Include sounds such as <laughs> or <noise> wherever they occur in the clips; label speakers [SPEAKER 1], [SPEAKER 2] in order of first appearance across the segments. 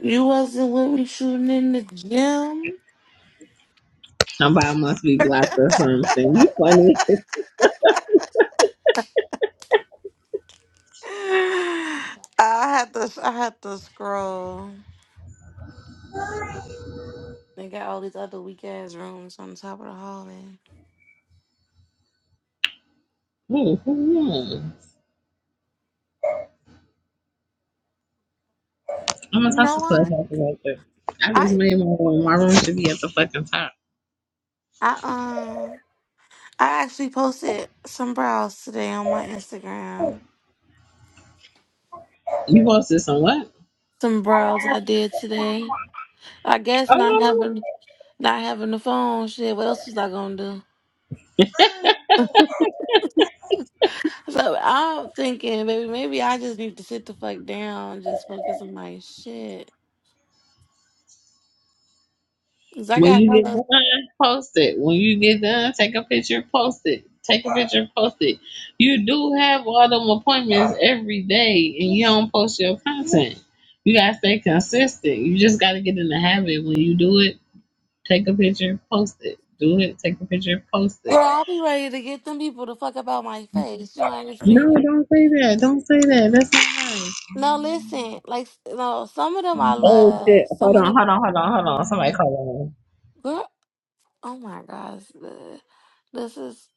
[SPEAKER 1] You wasn't with me shooting in the gym.
[SPEAKER 2] Somebody must be blocked or something. You funny. <laughs>
[SPEAKER 1] <sighs> I had to I had to scroll. They got all these other weak ass rooms on the top of the hallway.
[SPEAKER 2] Hmm, hmm. hmm. I'm gonna
[SPEAKER 1] You
[SPEAKER 2] talk
[SPEAKER 1] know
[SPEAKER 2] to
[SPEAKER 1] what?
[SPEAKER 2] Clubhouse about that. I just
[SPEAKER 1] I
[SPEAKER 2] made my room. My room should be at the fucking top.
[SPEAKER 1] I um I actually posted some brows today on my Instagram.
[SPEAKER 2] You posted some what?
[SPEAKER 1] Some brows I did today. I guess not
[SPEAKER 2] Oh,
[SPEAKER 1] having not having the phone shit. What else was I gonna do? So I'm thinking, baby, maybe I just need to sit the fuck down, and just focus on my shit. Cause I
[SPEAKER 2] when
[SPEAKER 1] got
[SPEAKER 2] you get
[SPEAKER 1] girl,
[SPEAKER 2] done, post it. When you get done, take a picture, post it. Take a picture, post it. You do have all them appointments every day, and you don't post your content. You gotta stay consistent. You just gotta get in the habit. When you do it, take a picture, post it. Do it, take a picture, post it.
[SPEAKER 1] I'll be ready to get them people to fuck about my face. You don't
[SPEAKER 2] No,
[SPEAKER 1] understand?
[SPEAKER 2] don't say that. Don't say that. That's not nice.
[SPEAKER 1] No, listen, like no, some of them I
[SPEAKER 2] Oh shit.
[SPEAKER 1] love, some
[SPEAKER 2] Hold
[SPEAKER 1] of
[SPEAKER 2] on,
[SPEAKER 1] them,
[SPEAKER 2] hold on, hold on, hold on. Somebody call on.
[SPEAKER 1] girl. Oh my gosh, the- this is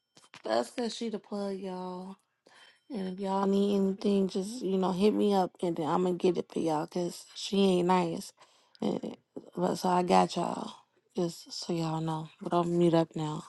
[SPEAKER 1] that's cause she the plug, y'all. And if y'all need anything, just you know hit me up, and then I'm gonna get it for y'all, cause she ain't nice. And, but so I got y'all, just so y'all know. But I'll mute up now.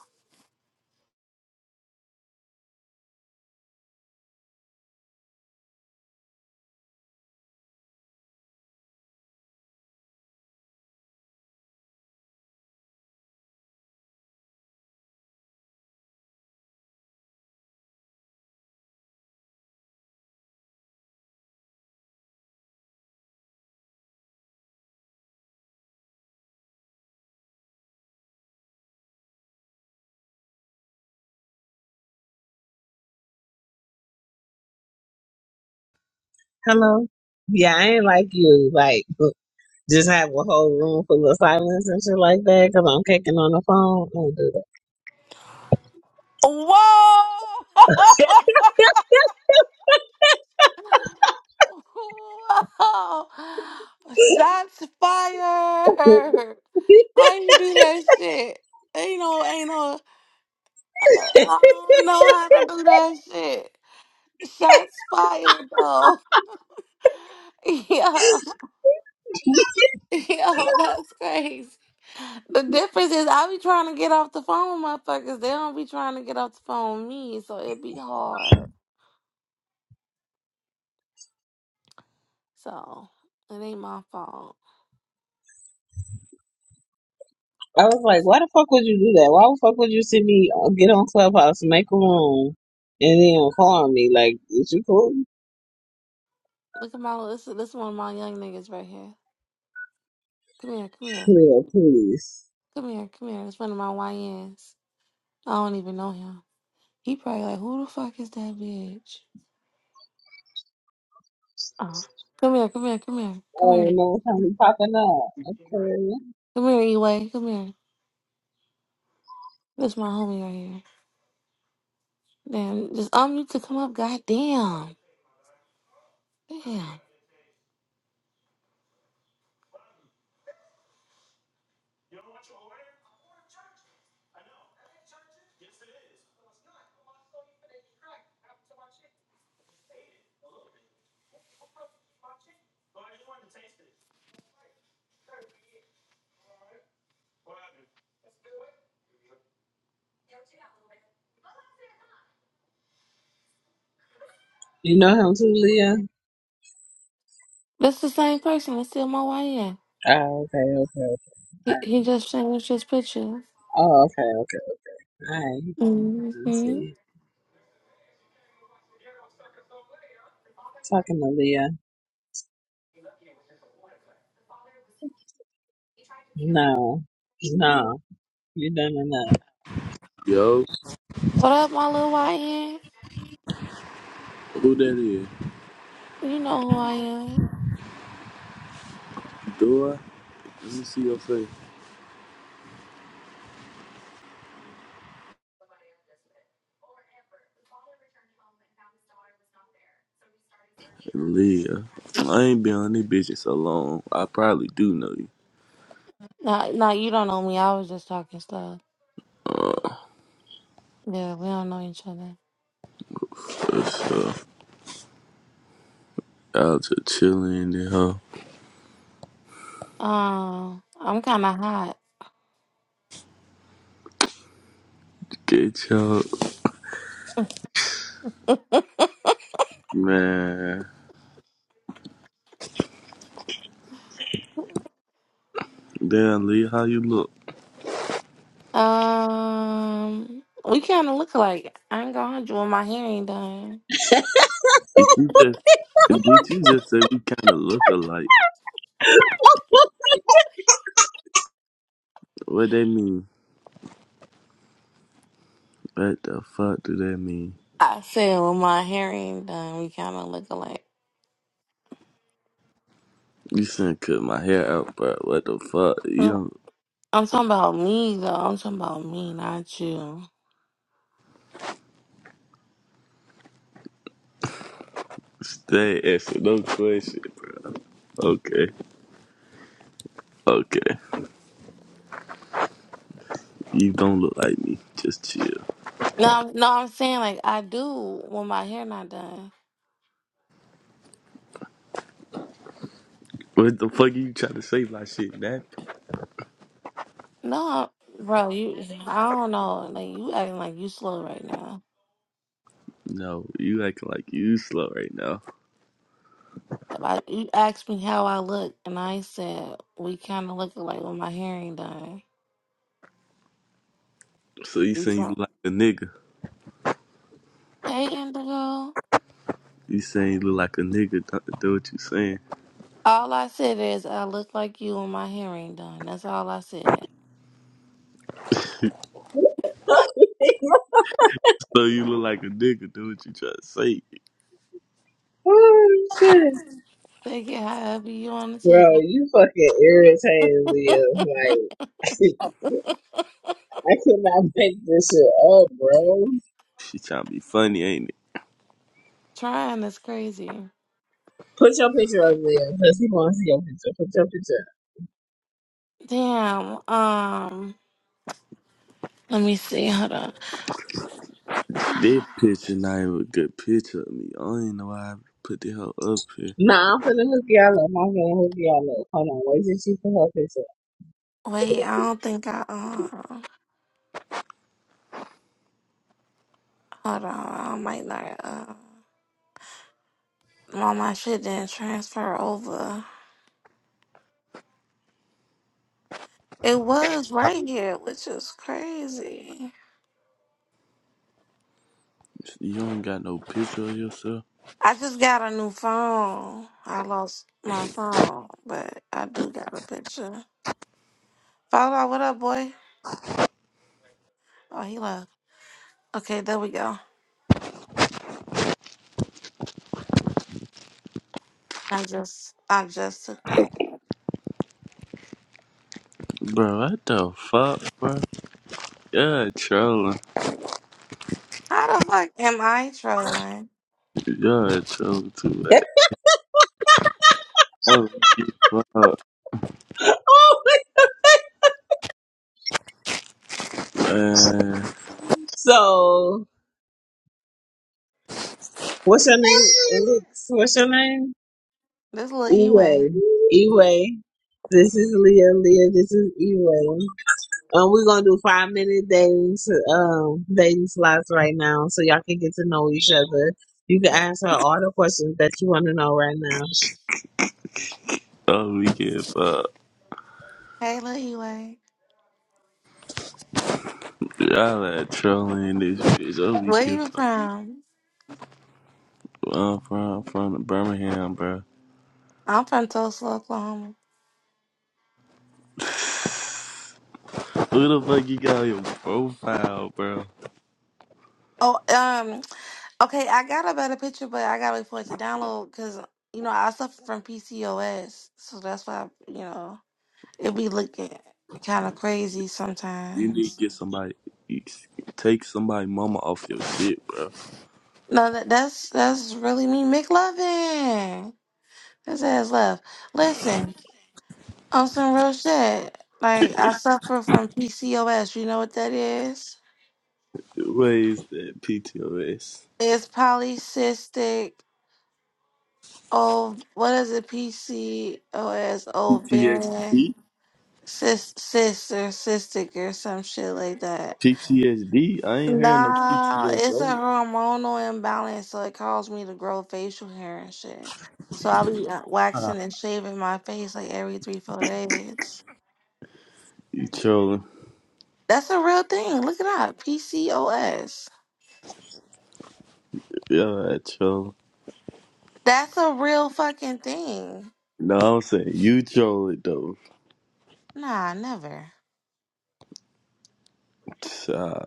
[SPEAKER 2] Hello? Yeah, I ain't like you. Like just have a whole room full of silence and shit like that because I'm kicking on the phone. Don't do that.
[SPEAKER 1] Whoa! <laughs> Wow! Shots fired!
[SPEAKER 2] <laughs>
[SPEAKER 1] How you do that shit? Ain't no, ain't no. I I don't know how to do that shit. Shots fired though. <laughs> Yeah, yeah, that's crazy. The difference is I be trying to get off the phone with motherfuckers. They don't be trying to get off the phone with me, so it be hard. So it ain't my fault.
[SPEAKER 2] I was like, why the fuck would you do that? Why the fuck would you see me uh, get on Clubhouse, make a room, and then call me? Like, is you cool?
[SPEAKER 1] Look at my this. This one of my young niggas right here. Come here, come here.
[SPEAKER 2] Yeah, please.
[SPEAKER 1] Come here, come here. It's one of my YNs. I don't even know him. He probably like, who the fuck is that bitch? Oh. Come here, come here, come here, come
[SPEAKER 2] Oh, and
[SPEAKER 1] here.
[SPEAKER 2] no time you popping up. Okay.
[SPEAKER 1] Come here, E-Way, come here. This my homie right here. Damn, just unmute to come up, goddamn. Damn.
[SPEAKER 2] You know him too, Leah.
[SPEAKER 1] That's the same person. That's still my YN.
[SPEAKER 2] Oh, okay, okay, okay.
[SPEAKER 1] He,
[SPEAKER 2] Alright.
[SPEAKER 1] he just changed his picture.
[SPEAKER 2] Oh, okay, okay. okay. All right, I
[SPEAKER 1] Mm-hmm.
[SPEAKER 2] see. Talking to Leah. No, no, you done enough.
[SPEAKER 3] Yo,
[SPEAKER 1] What up, my little YN?
[SPEAKER 3] who that is?
[SPEAKER 1] You know who I am.
[SPEAKER 3] Dora? Let me see your face. Leah. I ain't been on this bitch in so long. I probably do know you.
[SPEAKER 1] Nah, nah, you don't know me. I was just talking stuff.
[SPEAKER 3] Uh,
[SPEAKER 1] Yeah, we don't know each other.
[SPEAKER 3] what's up? Y'all just chilling and hoe.
[SPEAKER 1] Um, I'm kind of hot.
[SPEAKER 3] Get your man. Damn, Leah, how you look?
[SPEAKER 1] Um, we kind of look alike. I ain't gonna hold you with my hair ain't done.
[SPEAKER 3] Did you just did you just say we kind of look alike? What that mean? What the fuck do that mean?
[SPEAKER 1] I said with my hair ain't done, we kind of look alike.
[SPEAKER 3] You shouldn't cut my hair out, bro. What the fuck? You
[SPEAKER 1] Mm,
[SPEAKER 3] don't
[SPEAKER 1] I'm talking about me though. I'm talking about me, not you.
[SPEAKER 3] stay asking no question, bro. Okay. Okay, you don't look like me. Just chill.
[SPEAKER 1] No, I'm- no, I'm saying like I do when my hair not done.
[SPEAKER 3] What the fuck you trying to say by shit, man?
[SPEAKER 1] No, bro, you. I don't know. Like you acting like you slow right now.
[SPEAKER 3] No, you acting like you slow right now.
[SPEAKER 1] If I, you asked me how I look, and I said we kind of look alike when my hair ain't done.
[SPEAKER 3] So you saying you look like a nigga?
[SPEAKER 1] Hey, Indigo.
[SPEAKER 3] You saying you look like a nigga? Do do what you saying?
[SPEAKER 1] All I said is I look like you and my hair ain't done. That's all I said.
[SPEAKER 2] <laughs>
[SPEAKER 3] So you look like a nigga? Do what you trying to say?
[SPEAKER 2] oh shit,
[SPEAKER 1] Take it however you want to
[SPEAKER 2] bro,
[SPEAKER 1] take it.
[SPEAKER 2] you fucking irritating Leah. Like, <laughs> I could not make this shit up, bro.
[SPEAKER 3] She trying to be funny, ain't it?
[SPEAKER 1] Trying is crazy.
[SPEAKER 2] Put your picture up, Leah, cause he wants to see your picture. Put your picture. up.
[SPEAKER 1] Damn. Um. Let me see. Hold on.
[SPEAKER 3] This picture not even a good picture of me. I don't even know why I put the hell up here.
[SPEAKER 2] Nah, I'm finna hook y'all up. I'm finna hook y'all up. Hold on, wait till she put her picture.
[SPEAKER 1] Wait. I don't think I. Uh. Hold on. I might not. Uh. Well, my shit didn't transfer over. It was
[SPEAKER 4] How.
[SPEAKER 1] right here, which is crazy.
[SPEAKER 3] You don't got no picture of yourself.
[SPEAKER 1] I just got a new phone. I lost my phone, but I do got a picture. Fallout, what up, boy? Oh, he left. Okay, there we go. I just, I just took that one.
[SPEAKER 3] Bro, what the fuck, bro? Yeah, trolling.
[SPEAKER 1] How the fuck am I trolling?
[SPEAKER 3] Yeah, trolling too
[SPEAKER 2] up.
[SPEAKER 3] Oh, we get fucked,
[SPEAKER 2] <laughs> oh
[SPEAKER 3] man.
[SPEAKER 2] So, what's your name? Elix? What's your name?
[SPEAKER 1] This little E-Way.
[SPEAKER 2] Eway. Eway. This is Leah. Leah, this is Eway. Um, we're gonna do five minute dating to, um dating slots right now, so y'all can get to know each other. You can answer all the questions that you want to know right now.
[SPEAKER 3] Oh, we get fucked.
[SPEAKER 1] Hey, little E-Way.
[SPEAKER 3] Y'all that trolling this bitch. Oh, we
[SPEAKER 1] Where
[SPEAKER 3] get
[SPEAKER 1] you
[SPEAKER 3] fucked.
[SPEAKER 1] from?
[SPEAKER 3] I'm from, from Birmingham, bro. <sighs>
[SPEAKER 1] I'm from Tulsa, Oklahoma.
[SPEAKER 3] Who the fuck you got on your profile, bro?
[SPEAKER 1] Oh, um, okay, I got a better picture, but I gotta wait for it to download because, you know, I suffer from PCOS. So that's why, you know, it be looking kind of crazy
[SPEAKER 3] You
[SPEAKER 1] sometimes.
[SPEAKER 3] need to get somebody, take somebody mama off your shit, bro.
[SPEAKER 1] No, that, that's, that's really me, McLovin. His ass left. Listen, on some real shit, like I suffer from PCOS. You know what that is?
[SPEAKER 3] What is that? PTOS.
[SPEAKER 1] It's polycystic. Oh, what is it? PCOS, ovarian
[SPEAKER 3] PTSD?
[SPEAKER 1] cyst, cyst or cystic or some shit like that.
[SPEAKER 3] PTSD? I ain't hearing no
[SPEAKER 1] Nah, it's a
[SPEAKER 3] PTSO.
[SPEAKER 1] hormonal imbalance, so it caused me to grow facial hair and shit. So I'll be uh, waxing and shaving my face like every three, four days.
[SPEAKER 3] You trolling.
[SPEAKER 1] That's a real thing. Look it up. PCOS.
[SPEAKER 3] Y'all I trolling.
[SPEAKER 1] That's a real fucking thing.
[SPEAKER 3] No, I'm saying you trolling though.
[SPEAKER 1] Nah, never.
[SPEAKER 3] Uh,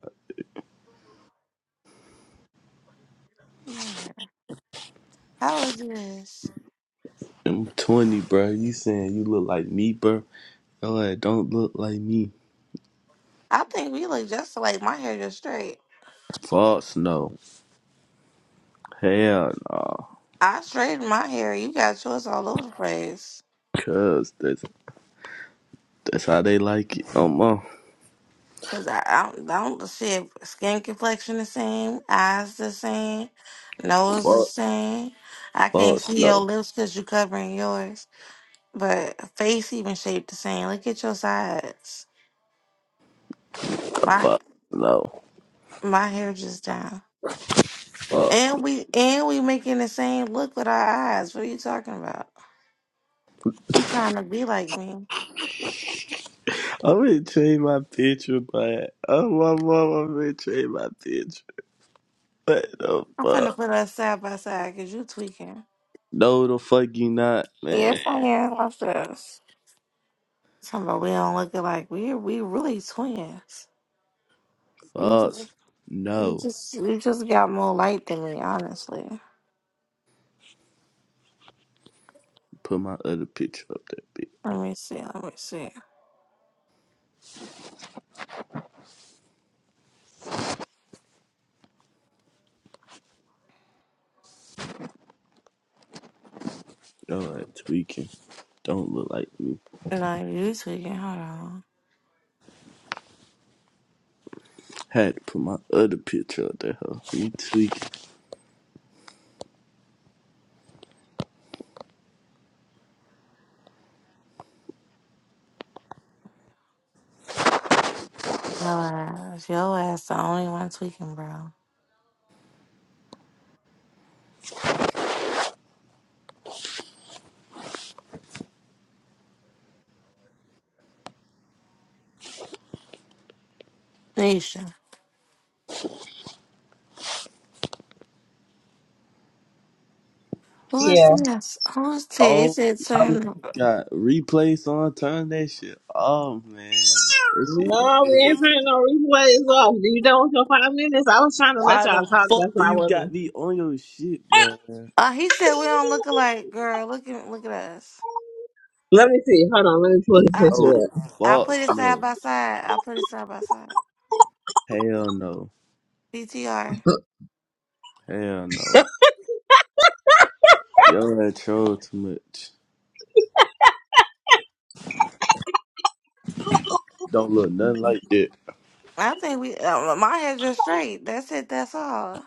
[SPEAKER 1] Never. How is this?
[SPEAKER 3] I'm 20, bro. You saying you look like me, bro? Yo, I don't look like me.
[SPEAKER 1] I think we look just like my hair just straight.
[SPEAKER 3] False, no. Hell, no.
[SPEAKER 1] I straightened my hair. You got yours all over the place.
[SPEAKER 3] Cause that's that's how they like it. Oh my.
[SPEAKER 1] Cause I, I don't, I don't see it. skin complexion the same, eyes the same, nose the
[SPEAKER 3] False,
[SPEAKER 1] same. I can't
[SPEAKER 3] false,
[SPEAKER 1] see your
[SPEAKER 3] no.
[SPEAKER 1] lips cause you covering yours. But face even shaped the same. Look at your sides. My
[SPEAKER 3] False, no.
[SPEAKER 1] my hair just down.
[SPEAKER 3] False.
[SPEAKER 1] And
[SPEAKER 3] No.
[SPEAKER 1] we and we making the same look with our eyes. What are you talking about? You trying to be like me?
[SPEAKER 3] I'm gonna change my picture, but oh my mom, I'm gonna change my picture. What the
[SPEAKER 1] I'm finna
[SPEAKER 3] fuck?
[SPEAKER 1] put us side by side because you tweaking.
[SPEAKER 3] No, the fuck you not,
[SPEAKER 1] Yes,
[SPEAKER 3] man.
[SPEAKER 1] I am. Watch this. Talking about we don't look alike. We we really twins. You just
[SPEAKER 3] False,
[SPEAKER 1] you
[SPEAKER 3] no.
[SPEAKER 1] just you just got more light than me, honestly.
[SPEAKER 3] Put my other picture up there, bitch.
[SPEAKER 1] Let me see. Let me see.
[SPEAKER 3] All right, tweaking. Don't look like me.
[SPEAKER 1] No, you tweaking. Hold on.
[SPEAKER 3] Had to put my other picture up there. huh? You tweaking.
[SPEAKER 1] Your ass. Your ass the only one tweaking, bro. Nisha. Who is
[SPEAKER 2] Yeah.
[SPEAKER 1] this? Who is this?
[SPEAKER 3] Oh,
[SPEAKER 1] It's
[SPEAKER 3] y'all got replays on. Turn that shit off, man. That shit.
[SPEAKER 2] No, we ain't
[SPEAKER 3] dead.
[SPEAKER 2] turning no replays off. You done with your five minutes? I was trying to let
[SPEAKER 3] Why
[SPEAKER 2] y'all
[SPEAKER 3] the
[SPEAKER 2] talk. That's
[SPEAKER 3] fuck do
[SPEAKER 2] why I
[SPEAKER 3] you
[SPEAKER 2] wasn't.
[SPEAKER 3] got me on your shit,
[SPEAKER 2] <laughs>
[SPEAKER 3] man?
[SPEAKER 1] Uh, he said we don't look alike, girl. Look at look at us.
[SPEAKER 2] Let me see. Hold on. Let me pull the
[SPEAKER 1] I, I
[SPEAKER 2] picture
[SPEAKER 3] Oh,
[SPEAKER 1] I put
[SPEAKER 3] false
[SPEAKER 1] it side
[SPEAKER 3] no.
[SPEAKER 1] by side. I put it side by side.
[SPEAKER 3] Hell no.
[SPEAKER 1] PTR.
[SPEAKER 3] Hell no. Y'all had troll too much. Don't look nothing like that.
[SPEAKER 1] I think we uh, my hair's just straight. That's it. That's all.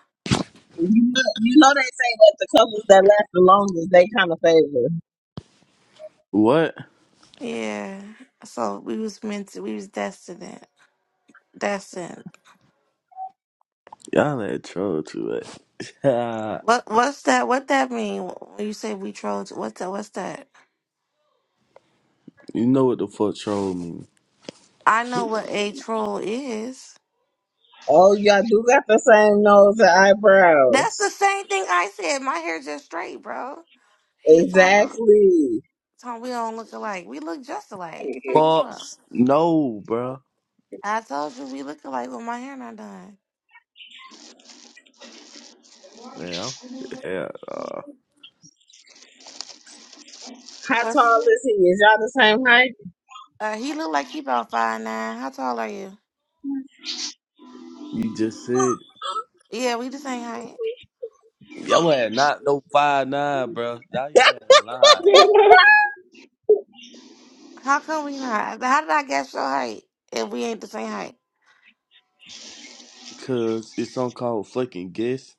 [SPEAKER 2] You know, you know they say that the colors that last the longest they kind of favor.
[SPEAKER 3] What?
[SPEAKER 1] Yeah. So we was meant to. We was destined. Destined.
[SPEAKER 3] Y'all had troll too much. <laughs> Ha.
[SPEAKER 1] What what's that? What that mean? When you say we trolls. What's that? What's that?
[SPEAKER 3] you know what the fuck troll mean.
[SPEAKER 1] I know what a troll is.
[SPEAKER 2] Oh, y'all do got the same nose and
[SPEAKER 1] That's the
[SPEAKER 2] eyebrows.
[SPEAKER 1] same thing I said. My hair's just straight, bro. He talking about.
[SPEAKER 2] Exactly.
[SPEAKER 1] Tom, we don't look alike. We look just alike. What you talking about?
[SPEAKER 3] False no, bro.
[SPEAKER 1] I told you we look alike with my hair not done.
[SPEAKER 3] Man, I'm- <laughs> hell no.
[SPEAKER 2] How
[SPEAKER 1] What's
[SPEAKER 2] tall is he? Is y'all the same height?
[SPEAKER 1] uh he look like he about five nine. How tall are you?
[SPEAKER 3] You just said
[SPEAKER 2] <laughs>
[SPEAKER 1] Yeah, we the same height.
[SPEAKER 3] you ass not no five nine, bro. Now you ass had lied,
[SPEAKER 5] Mhm.
[SPEAKER 1] How come we not? How did I guess your height if we ain't the same height?
[SPEAKER 3] cause it's something called fucking guess.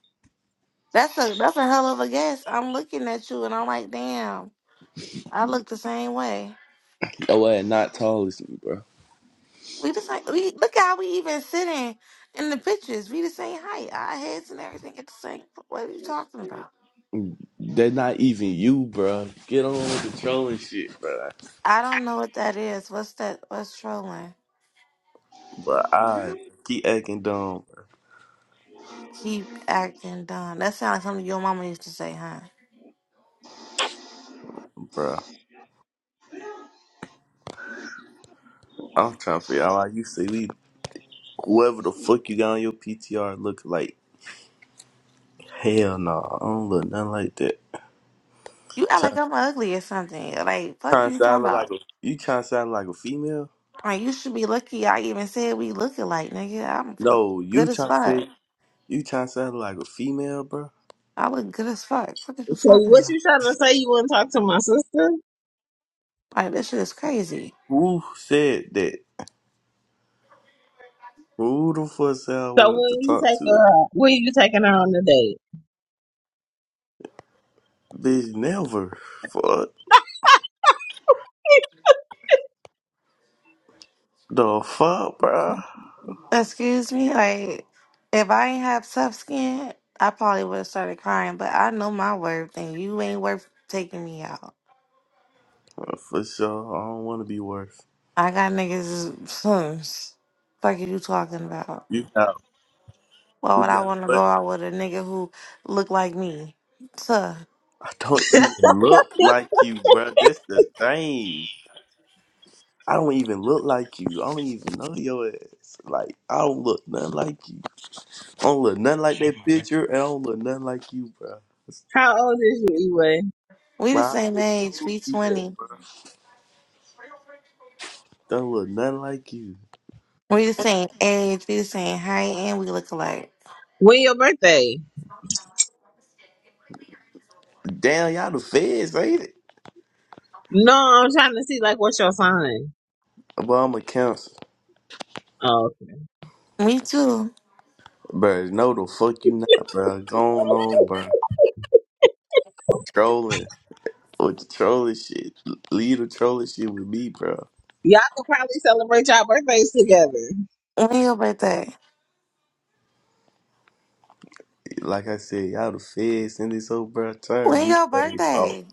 [SPEAKER 1] That's a that's a hell of a guess. I'm looking at you and I'm like, damn, I look the same way.
[SPEAKER 3] you ass not tall as me, bro.
[SPEAKER 1] We the same we look how we even sitting in the pictures. We the same height. Our heads and everything at the same what are you talking about?
[SPEAKER 3] They're not even you, bro. Get on with the trolling shit, bro.
[SPEAKER 1] I don't know what that is. What's that? What's trolling?
[SPEAKER 3] But I keep acting dumb,
[SPEAKER 1] Keep acting dumb. That sounds like something your mama used to say, huh?
[SPEAKER 3] bro. I'm trying to figure out why you say we whoever the fuck you got on your PTR look like. Hell no, I don't look nothing like that.
[SPEAKER 1] You act
[SPEAKER 3] Try,
[SPEAKER 1] like I'm ugly or something. Like, fuck
[SPEAKER 3] trying to
[SPEAKER 1] you
[SPEAKER 3] sound
[SPEAKER 1] talking about.
[SPEAKER 3] like a you trying to sound like a female?
[SPEAKER 1] Like, you should be lucky I even said we look alike, nigga. I'm look
[SPEAKER 3] No, you
[SPEAKER 1] good as
[SPEAKER 3] trying to
[SPEAKER 1] fuck.
[SPEAKER 3] say you trying to sound like a female, bro?
[SPEAKER 1] I look good as fuck. Fuck is you
[SPEAKER 2] So
[SPEAKER 1] talking
[SPEAKER 2] what
[SPEAKER 1] about?
[SPEAKER 2] you trying to say? You wouldn't talk to my sister?
[SPEAKER 1] Like, this shit is crazy.
[SPEAKER 3] Who said that? Who the fuck said I
[SPEAKER 2] So
[SPEAKER 3] wanted to
[SPEAKER 2] when you
[SPEAKER 3] talk
[SPEAKER 2] take
[SPEAKER 3] to?
[SPEAKER 2] her out, when you taking her on the date?
[SPEAKER 3] Bitch, never. Fuck
[SPEAKER 2] <laughs>
[SPEAKER 3] the fuck, bruh.
[SPEAKER 1] Excuse me? Like, if I ain't have tough skin, I probably would have started crying, but I know my worth and you ain't worth taking me out.
[SPEAKER 3] Uh, For sure, I don't want to be worse.
[SPEAKER 1] I got niggas, <laughs> fuck is you talking about?
[SPEAKER 3] You got,
[SPEAKER 1] Why
[SPEAKER 3] you
[SPEAKER 1] would I
[SPEAKER 3] got
[SPEAKER 1] want to go
[SPEAKER 3] what?
[SPEAKER 1] out with a nigga who look like me? Tuh.
[SPEAKER 3] I don't even look like you, bruh. That's the thing. I don't even look like you. I don't even know your ass. Like I don't look nothing like you. I don't look nothing like that picture, and I don't look nothing like you, bruh.
[SPEAKER 2] How old is you, Eway?
[SPEAKER 1] We
[SPEAKER 3] Bro,
[SPEAKER 1] the
[SPEAKER 3] I
[SPEAKER 1] same
[SPEAKER 3] already
[SPEAKER 1] age.
[SPEAKER 3] told
[SPEAKER 1] We
[SPEAKER 3] you that,
[SPEAKER 1] 20.
[SPEAKER 3] bruh. Don't look nothing like you.
[SPEAKER 1] We the same age. We the same height. And we look alike.
[SPEAKER 2] When your birthday?
[SPEAKER 3] Damn, y'all the feds, ain't it?
[SPEAKER 2] No, I'm trying to see like what's your sign.
[SPEAKER 3] But I'm a cancel,
[SPEAKER 2] Oh, okay.
[SPEAKER 1] Me too.
[SPEAKER 3] bro. No, the fuck you not, bro. Going on, bro. Trolling with the trolling shit. Leave the trolling shit with me, bro.
[SPEAKER 2] y'all could probably celebrate y'all birthdays together.
[SPEAKER 1] When your birthday?
[SPEAKER 3] Like I said, y'all the feds and this over, bro. Turn
[SPEAKER 1] When your
[SPEAKER 3] replays off.
[SPEAKER 1] birthday?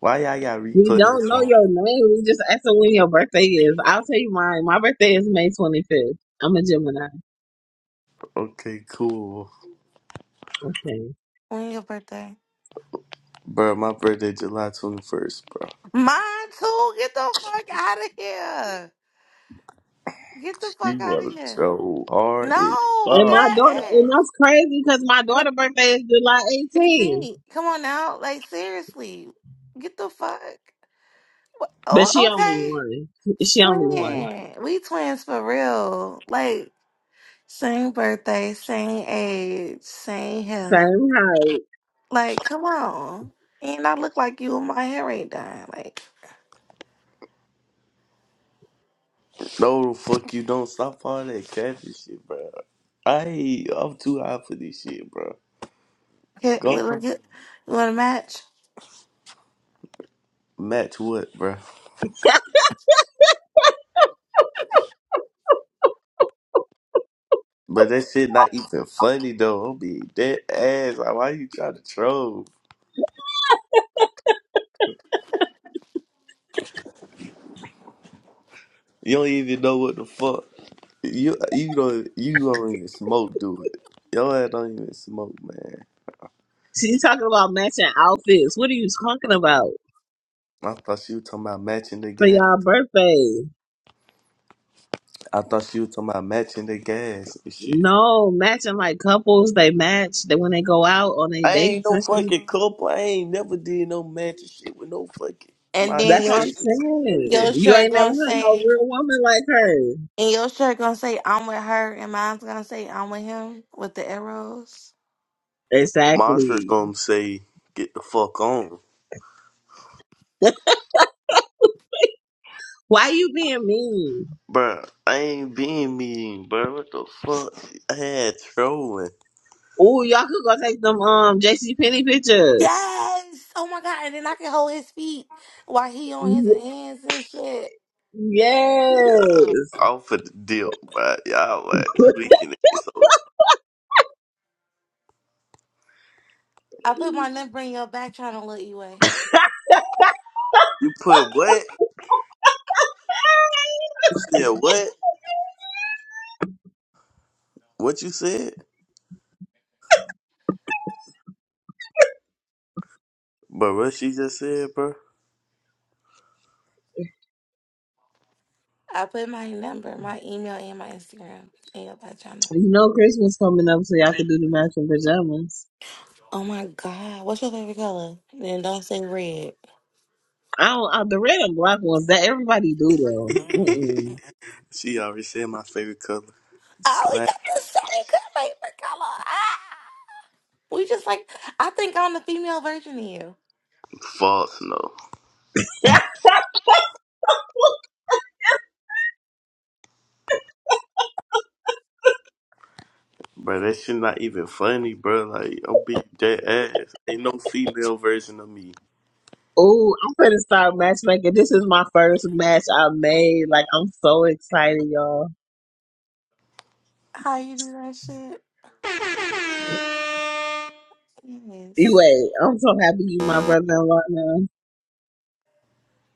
[SPEAKER 3] Why y'all got
[SPEAKER 2] We don't
[SPEAKER 3] replays
[SPEAKER 2] know
[SPEAKER 3] on?
[SPEAKER 2] your name. We just ask her when your birthday is. I'll tell you mine. My birthday is May 25th. I'm a Gemini.
[SPEAKER 3] Okay, cool,
[SPEAKER 2] Okay.
[SPEAKER 1] When your birthday?
[SPEAKER 3] bro. My birthday, July twenty first, bro.
[SPEAKER 1] Mine too. Get the fuck out of here. Get the
[SPEAKER 3] She
[SPEAKER 1] fuck out of
[SPEAKER 3] wanna
[SPEAKER 1] here.
[SPEAKER 3] troll hard as
[SPEAKER 1] No,
[SPEAKER 2] And my
[SPEAKER 3] fuck.
[SPEAKER 2] daughter,
[SPEAKER 1] that
[SPEAKER 2] and
[SPEAKER 1] ass.
[SPEAKER 2] that's crazy because my
[SPEAKER 1] Yup,
[SPEAKER 2] daughter's birthday is July 18th,
[SPEAKER 1] 18. Come on now. Like, seriously. Get the fuck.
[SPEAKER 2] but she
[SPEAKER 1] Oh,
[SPEAKER 2] only
[SPEAKER 1] okay.
[SPEAKER 2] one. She only one.
[SPEAKER 1] Twin. We twins for real. Like, same birthday, same age, same hair.
[SPEAKER 2] Same height.
[SPEAKER 1] Like, come on. And I look like you and my hair ain't done. Like,
[SPEAKER 3] No, the fuck you don't. Stop all that catfish shit, bro. I ain't- I'm too high for this shit, bro.
[SPEAKER 1] hit, we
[SPEAKER 3] Go
[SPEAKER 1] look good. You want to match?
[SPEAKER 3] match what, bro. But that shit not even funny though. I'm being dead ass. Like, why you trying to troll? You don't even know what the fuck. You you don't you don't even smoke, do it. Your ass don't even smoke, man.
[SPEAKER 2] <laughs> She's talking about matching outfits. What are you talking about
[SPEAKER 3] I thought she was talking about matching the
[SPEAKER 2] for
[SPEAKER 3] gas.
[SPEAKER 2] y'all birthday?
[SPEAKER 3] I thought she was talking about matching the gas and shit.
[SPEAKER 2] No, matching like couples, they match they when they go out on their
[SPEAKER 3] I ain't
[SPEAKER 2] dates
[SPEAKER 3] no
[SPEAKER 2] and shit.
[SPEAKER 3] fucking couple. I ain't never did no matching shit with no fucking
[SPEAKER 1] And
[SPEAKER 3] my
[SPEAKER 1] then
[SPEAKER 2] That's what
[SPEAKER 1] your
[SPEAKER 2] I'm
[SPEAKER 3] ex. None of
[SPEAKER 2] saying.
[SPEAKER 1] your
[SPEAKER 3] that.
[SPEAKER 2] You
[SPEAKER 1] shirt
[SPEAKER 2] ain't never
[SPEAKER 1] gonna
[SPEAKER 2] had no
[SPEAKER 1] say,
[SPEAKER 2] real woman like her.
[SPEAKER 1] and your shirt gonna say, I'm with her, and mine's gonna say, I'm with him, with the arrows.
[SPEAKER 3] Monster's
[SPEAKER 2] Exactly.
[SPEAKER 3] gonna say, get the fuck on.
[SPEAKER 2] Why you being mean?
[SPEAKER 3] Bro, I ain't being mean, bro. What the fuck? I had trolling
[SPEAKER 2] Ooh, y'all could go take them um JC Penney pictures.
[SPEAKER 1] Yes! Oh my god, and then I can hold his feet while he on his
[SPEAKER 2] Y-
[SPEAKER 1] hands and shit.
[SPEAKER 2] yes.
[SPEAKER 3] off of the deal, bro. Y'all like
[SPEAKER 2] <laughs>
[SPEAKER 3] tweaking it. So
[SPEAKER 1] I put my number in your back trying to look you way.
[SPEAKER 3] you put what? You said what? What you said? But what she just said, bro?
[SPEAKER 1] I put my number, my email, and my Instagram in your bio channel.
[SPEAKER 2] You know Christmas coming up, so y'all could do the matching pajamas.
[SPEAKER 1] Oh my God. What's your favorite color? Then don't say red.
[SPEAKER 2] I don't. Uh, the red and black ones that everybody
[SPEAKER 3] <laughs>
[SPEAKER 2] do though. Mm-mm.
[SPEAKER 3] she already said my favorite color.
[SPEAKER 1] Oh, we
[SPEAKER 3] Slap.
[SPEAKER 1] got the same good favorite color. Ah! We just like, I think I'm the female version of you.
[SPEAKER 3] False, no.
[SPEAKER 2] <laughs>
[SPEAKER 3] Bro, that shit not even funny, bro. Like, I'm beat that ass. Ain't no female version of me.
[SPEAKER 2] Oh, I'm gonna start matchmaking. This is my first match I made. Like I'm so excited, y'all.
[SPEAKER 1] How you do that shit? Yes.
[SPEAKER 2] Anyway, I'm so happy you my brother-in-law now.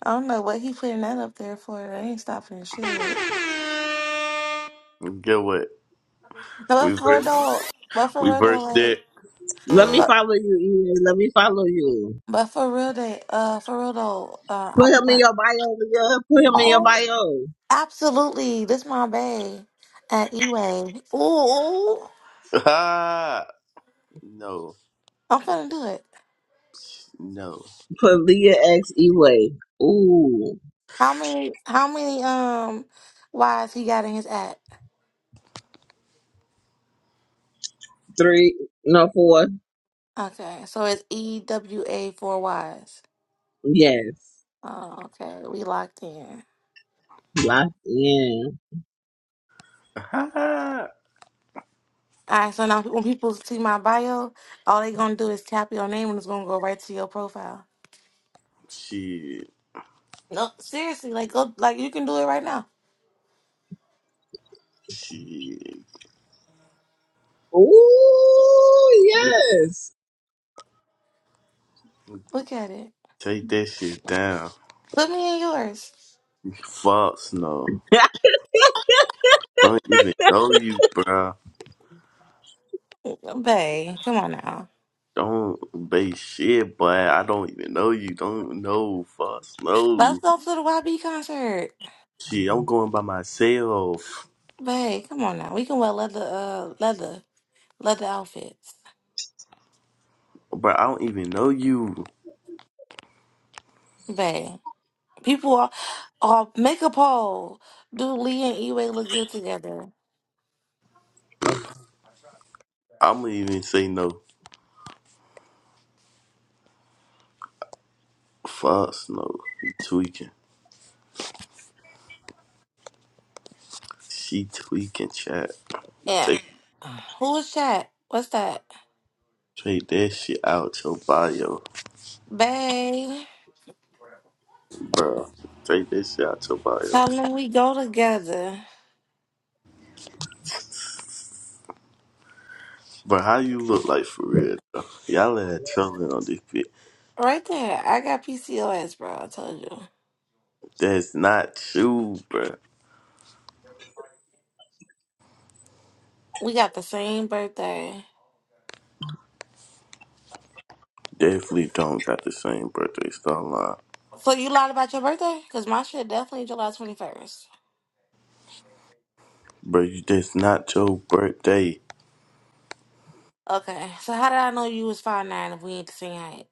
[SPEAKER 1] I don't know what he putting that up there for. That ain't stopping the shit. No,
[SPEAKER 3] And Get what?
[SPEAKER 1] but
[SPEAKER 3] We
[SPEAKER 1] for real
[SPEAKER 3] versed,
[SPEAKER 1] though, but for
[SPEAKER 3] we
[SPEAKER 1] real though,
[SPEAKER 3] versed that.
[SPEAKER 1] like,
[SPEAKER 2] Let me
[SPEAKER 1] but,
[SPEAKER 2] follow you, Eway. Let me follow you.
[SPEAKER 1] but for real though, uh, for real though, uh,
[SPEAKER 2] Put
[SPEAKER 1] I put
[SPEAKER 2] him in
[SPEAKER 1] my,
[SPEAKER 2] your bio, Leah. Put him in your
[SPEAKER 1] oh.
[SPEAKER 2] bio.
[SPEAKER 1] Absolutely. This my bae at Eway. Ooh,
[SPEAKER 3] <laughs> Ah! No,
[SPEAKER 1] I'm finna do it.
[SPEAKER 3] no.
[SPEAKER 2] Put Leah X Eway. Ooh.
[SPEAKER 1] How many how many um Y's he got in his app?
[SPEAKER 2] Three no four.
[SPEAKER 1] Okay, so it's E W A four Y's.
[SPEAKER 2] Yes.
[SPEAKER 1] Oh, okay. We locked in.
[SPEAKER 2] Locked in.
[SPEAKER 3] <laughs>
[SPEAKER 1] Alright, so now when people see my bio, all they gonna do is tap your name and it's gonna go right to your profile.
[SPEAKER 3] shit,
[SPEAKER 1] No, seriously, like go like you can do it right now.
[SPEAKER 3] shit.
[SPEAKER 2] Ooh yes.
[SPEAKER 1] Look at it.
[SPEAKER 3] Take that shit down.
[SPEAKER 1] Put me in yours.
[SPEAKER 3] Fox, no.
[SPEAKER 2] <laughs>
[SPEAKER 3] Don't even know you, bruh.
[SPEAKER 1] Bae, come on now.
[SPEAKER 3] Don't base shit, but I don't even know you. Don't even know Fox,
[SPEAKER 1] Let's
[SPEAKER 3] no.
[SPEAKER 1] go to the YB concert.
[SPEAKER 3] Shit, I'm going by myself.
[SPEAKER 1] Babe, come on now. We can wear leather, uh, leather, leather outfits.
[SPEAKER 3] Bruh, I don't even know you.
[SPEAKER 1] Babe, people are, are make a poll. Do Lee and Eway look good together?
[SPEAKER 3] I'ma even say no. Fox, no. You tweaking. She tweaking, chat.
[SPEAKER 1] Yeah.
[SPEAKER 3] Take,
[SPEAKER 1] Who is that? What's that?
[SPEAKER 3] take that shit out your bio,
[SPEAKER 1] Babe,
[SPEAKER 3] bruh. Take that shit out your bio.
[SPEAKER 1] tell them we go together.
[SPEAKER 3] But how you look like for real, though? Y'all had children on this bitch.
[SPEAKER 1] Right there. I got PCOS, bro. I told you.
[SPEAKER 3] That's not you, bruh.
[SPEAKER 1] We got the same birthday.
[SPEAKER 3] Definitely don't got the same birthday storyline.
[SPEAKER 1] So you lied about your birthday? Because my shit definitely July 21st.
[SPEAKER 3] Bro, you, that's not your birthday.
[SPEAKER 1] Okay. So how did I know you was five nine if we ain't the same height?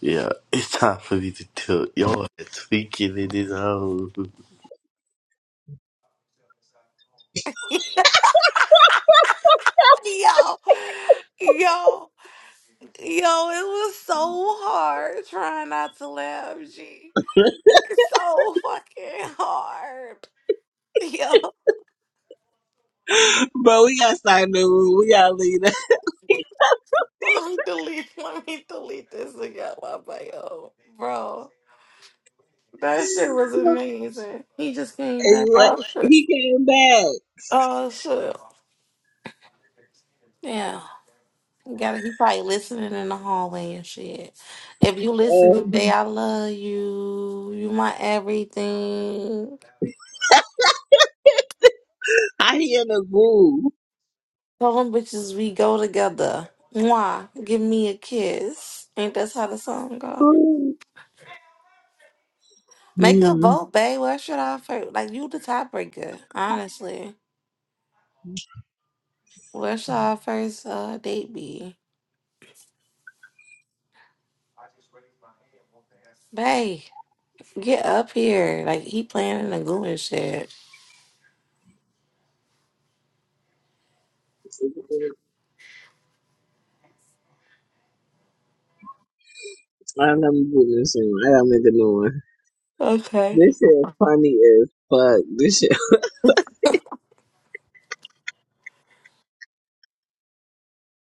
[SPEAKER 3] Yeah, it's time for me to tilt. Y'all are tweaking in this hole.
[SPEAKER 1] <laughs> yo, yo, yo, it was so hard trying not to laugh, G. It's so fucking hard. Yo,
[SPEAKER 2] But we gotta start new. We gotta leave.
[SPEAKER 1] let me delete, let me delete this again, my bio. Bro, that shit was amazing. He just came
[SPEAKER 2] And
[SPEAKER 1] back.
[SPEAKER 2] what
[SPEAKER 1] Oh, shit.
[SPEAKER 2] he came back.
[SPEAKER 1] Oh, shit. Yeah, you gotta. He probably listening in the hallway and shit. If you listen
[SPEAKER 2] Um,
[SPEAKER 1] today, I love you. You my everything.
[SPEAKER 2] I hear the boo.
[SPEAKER 1] Some bitches, we go together. Mwah, give me a kiss. Ain't that's how the song go? Make a
[SPEAKER 2] Hmm.
[SPEAKER 1] vote, babe. Where should our first, like, you the tiebreaker, honestly. Where should our first uh, date be? Babe, get up here. Like, he playing in the goo and shit.
[SPEAKER 2] I don't know what this is. I don't make a new one.
[SPEAKER 1] Okay.
[SPEAKER 2] This is funny as fuck. This shit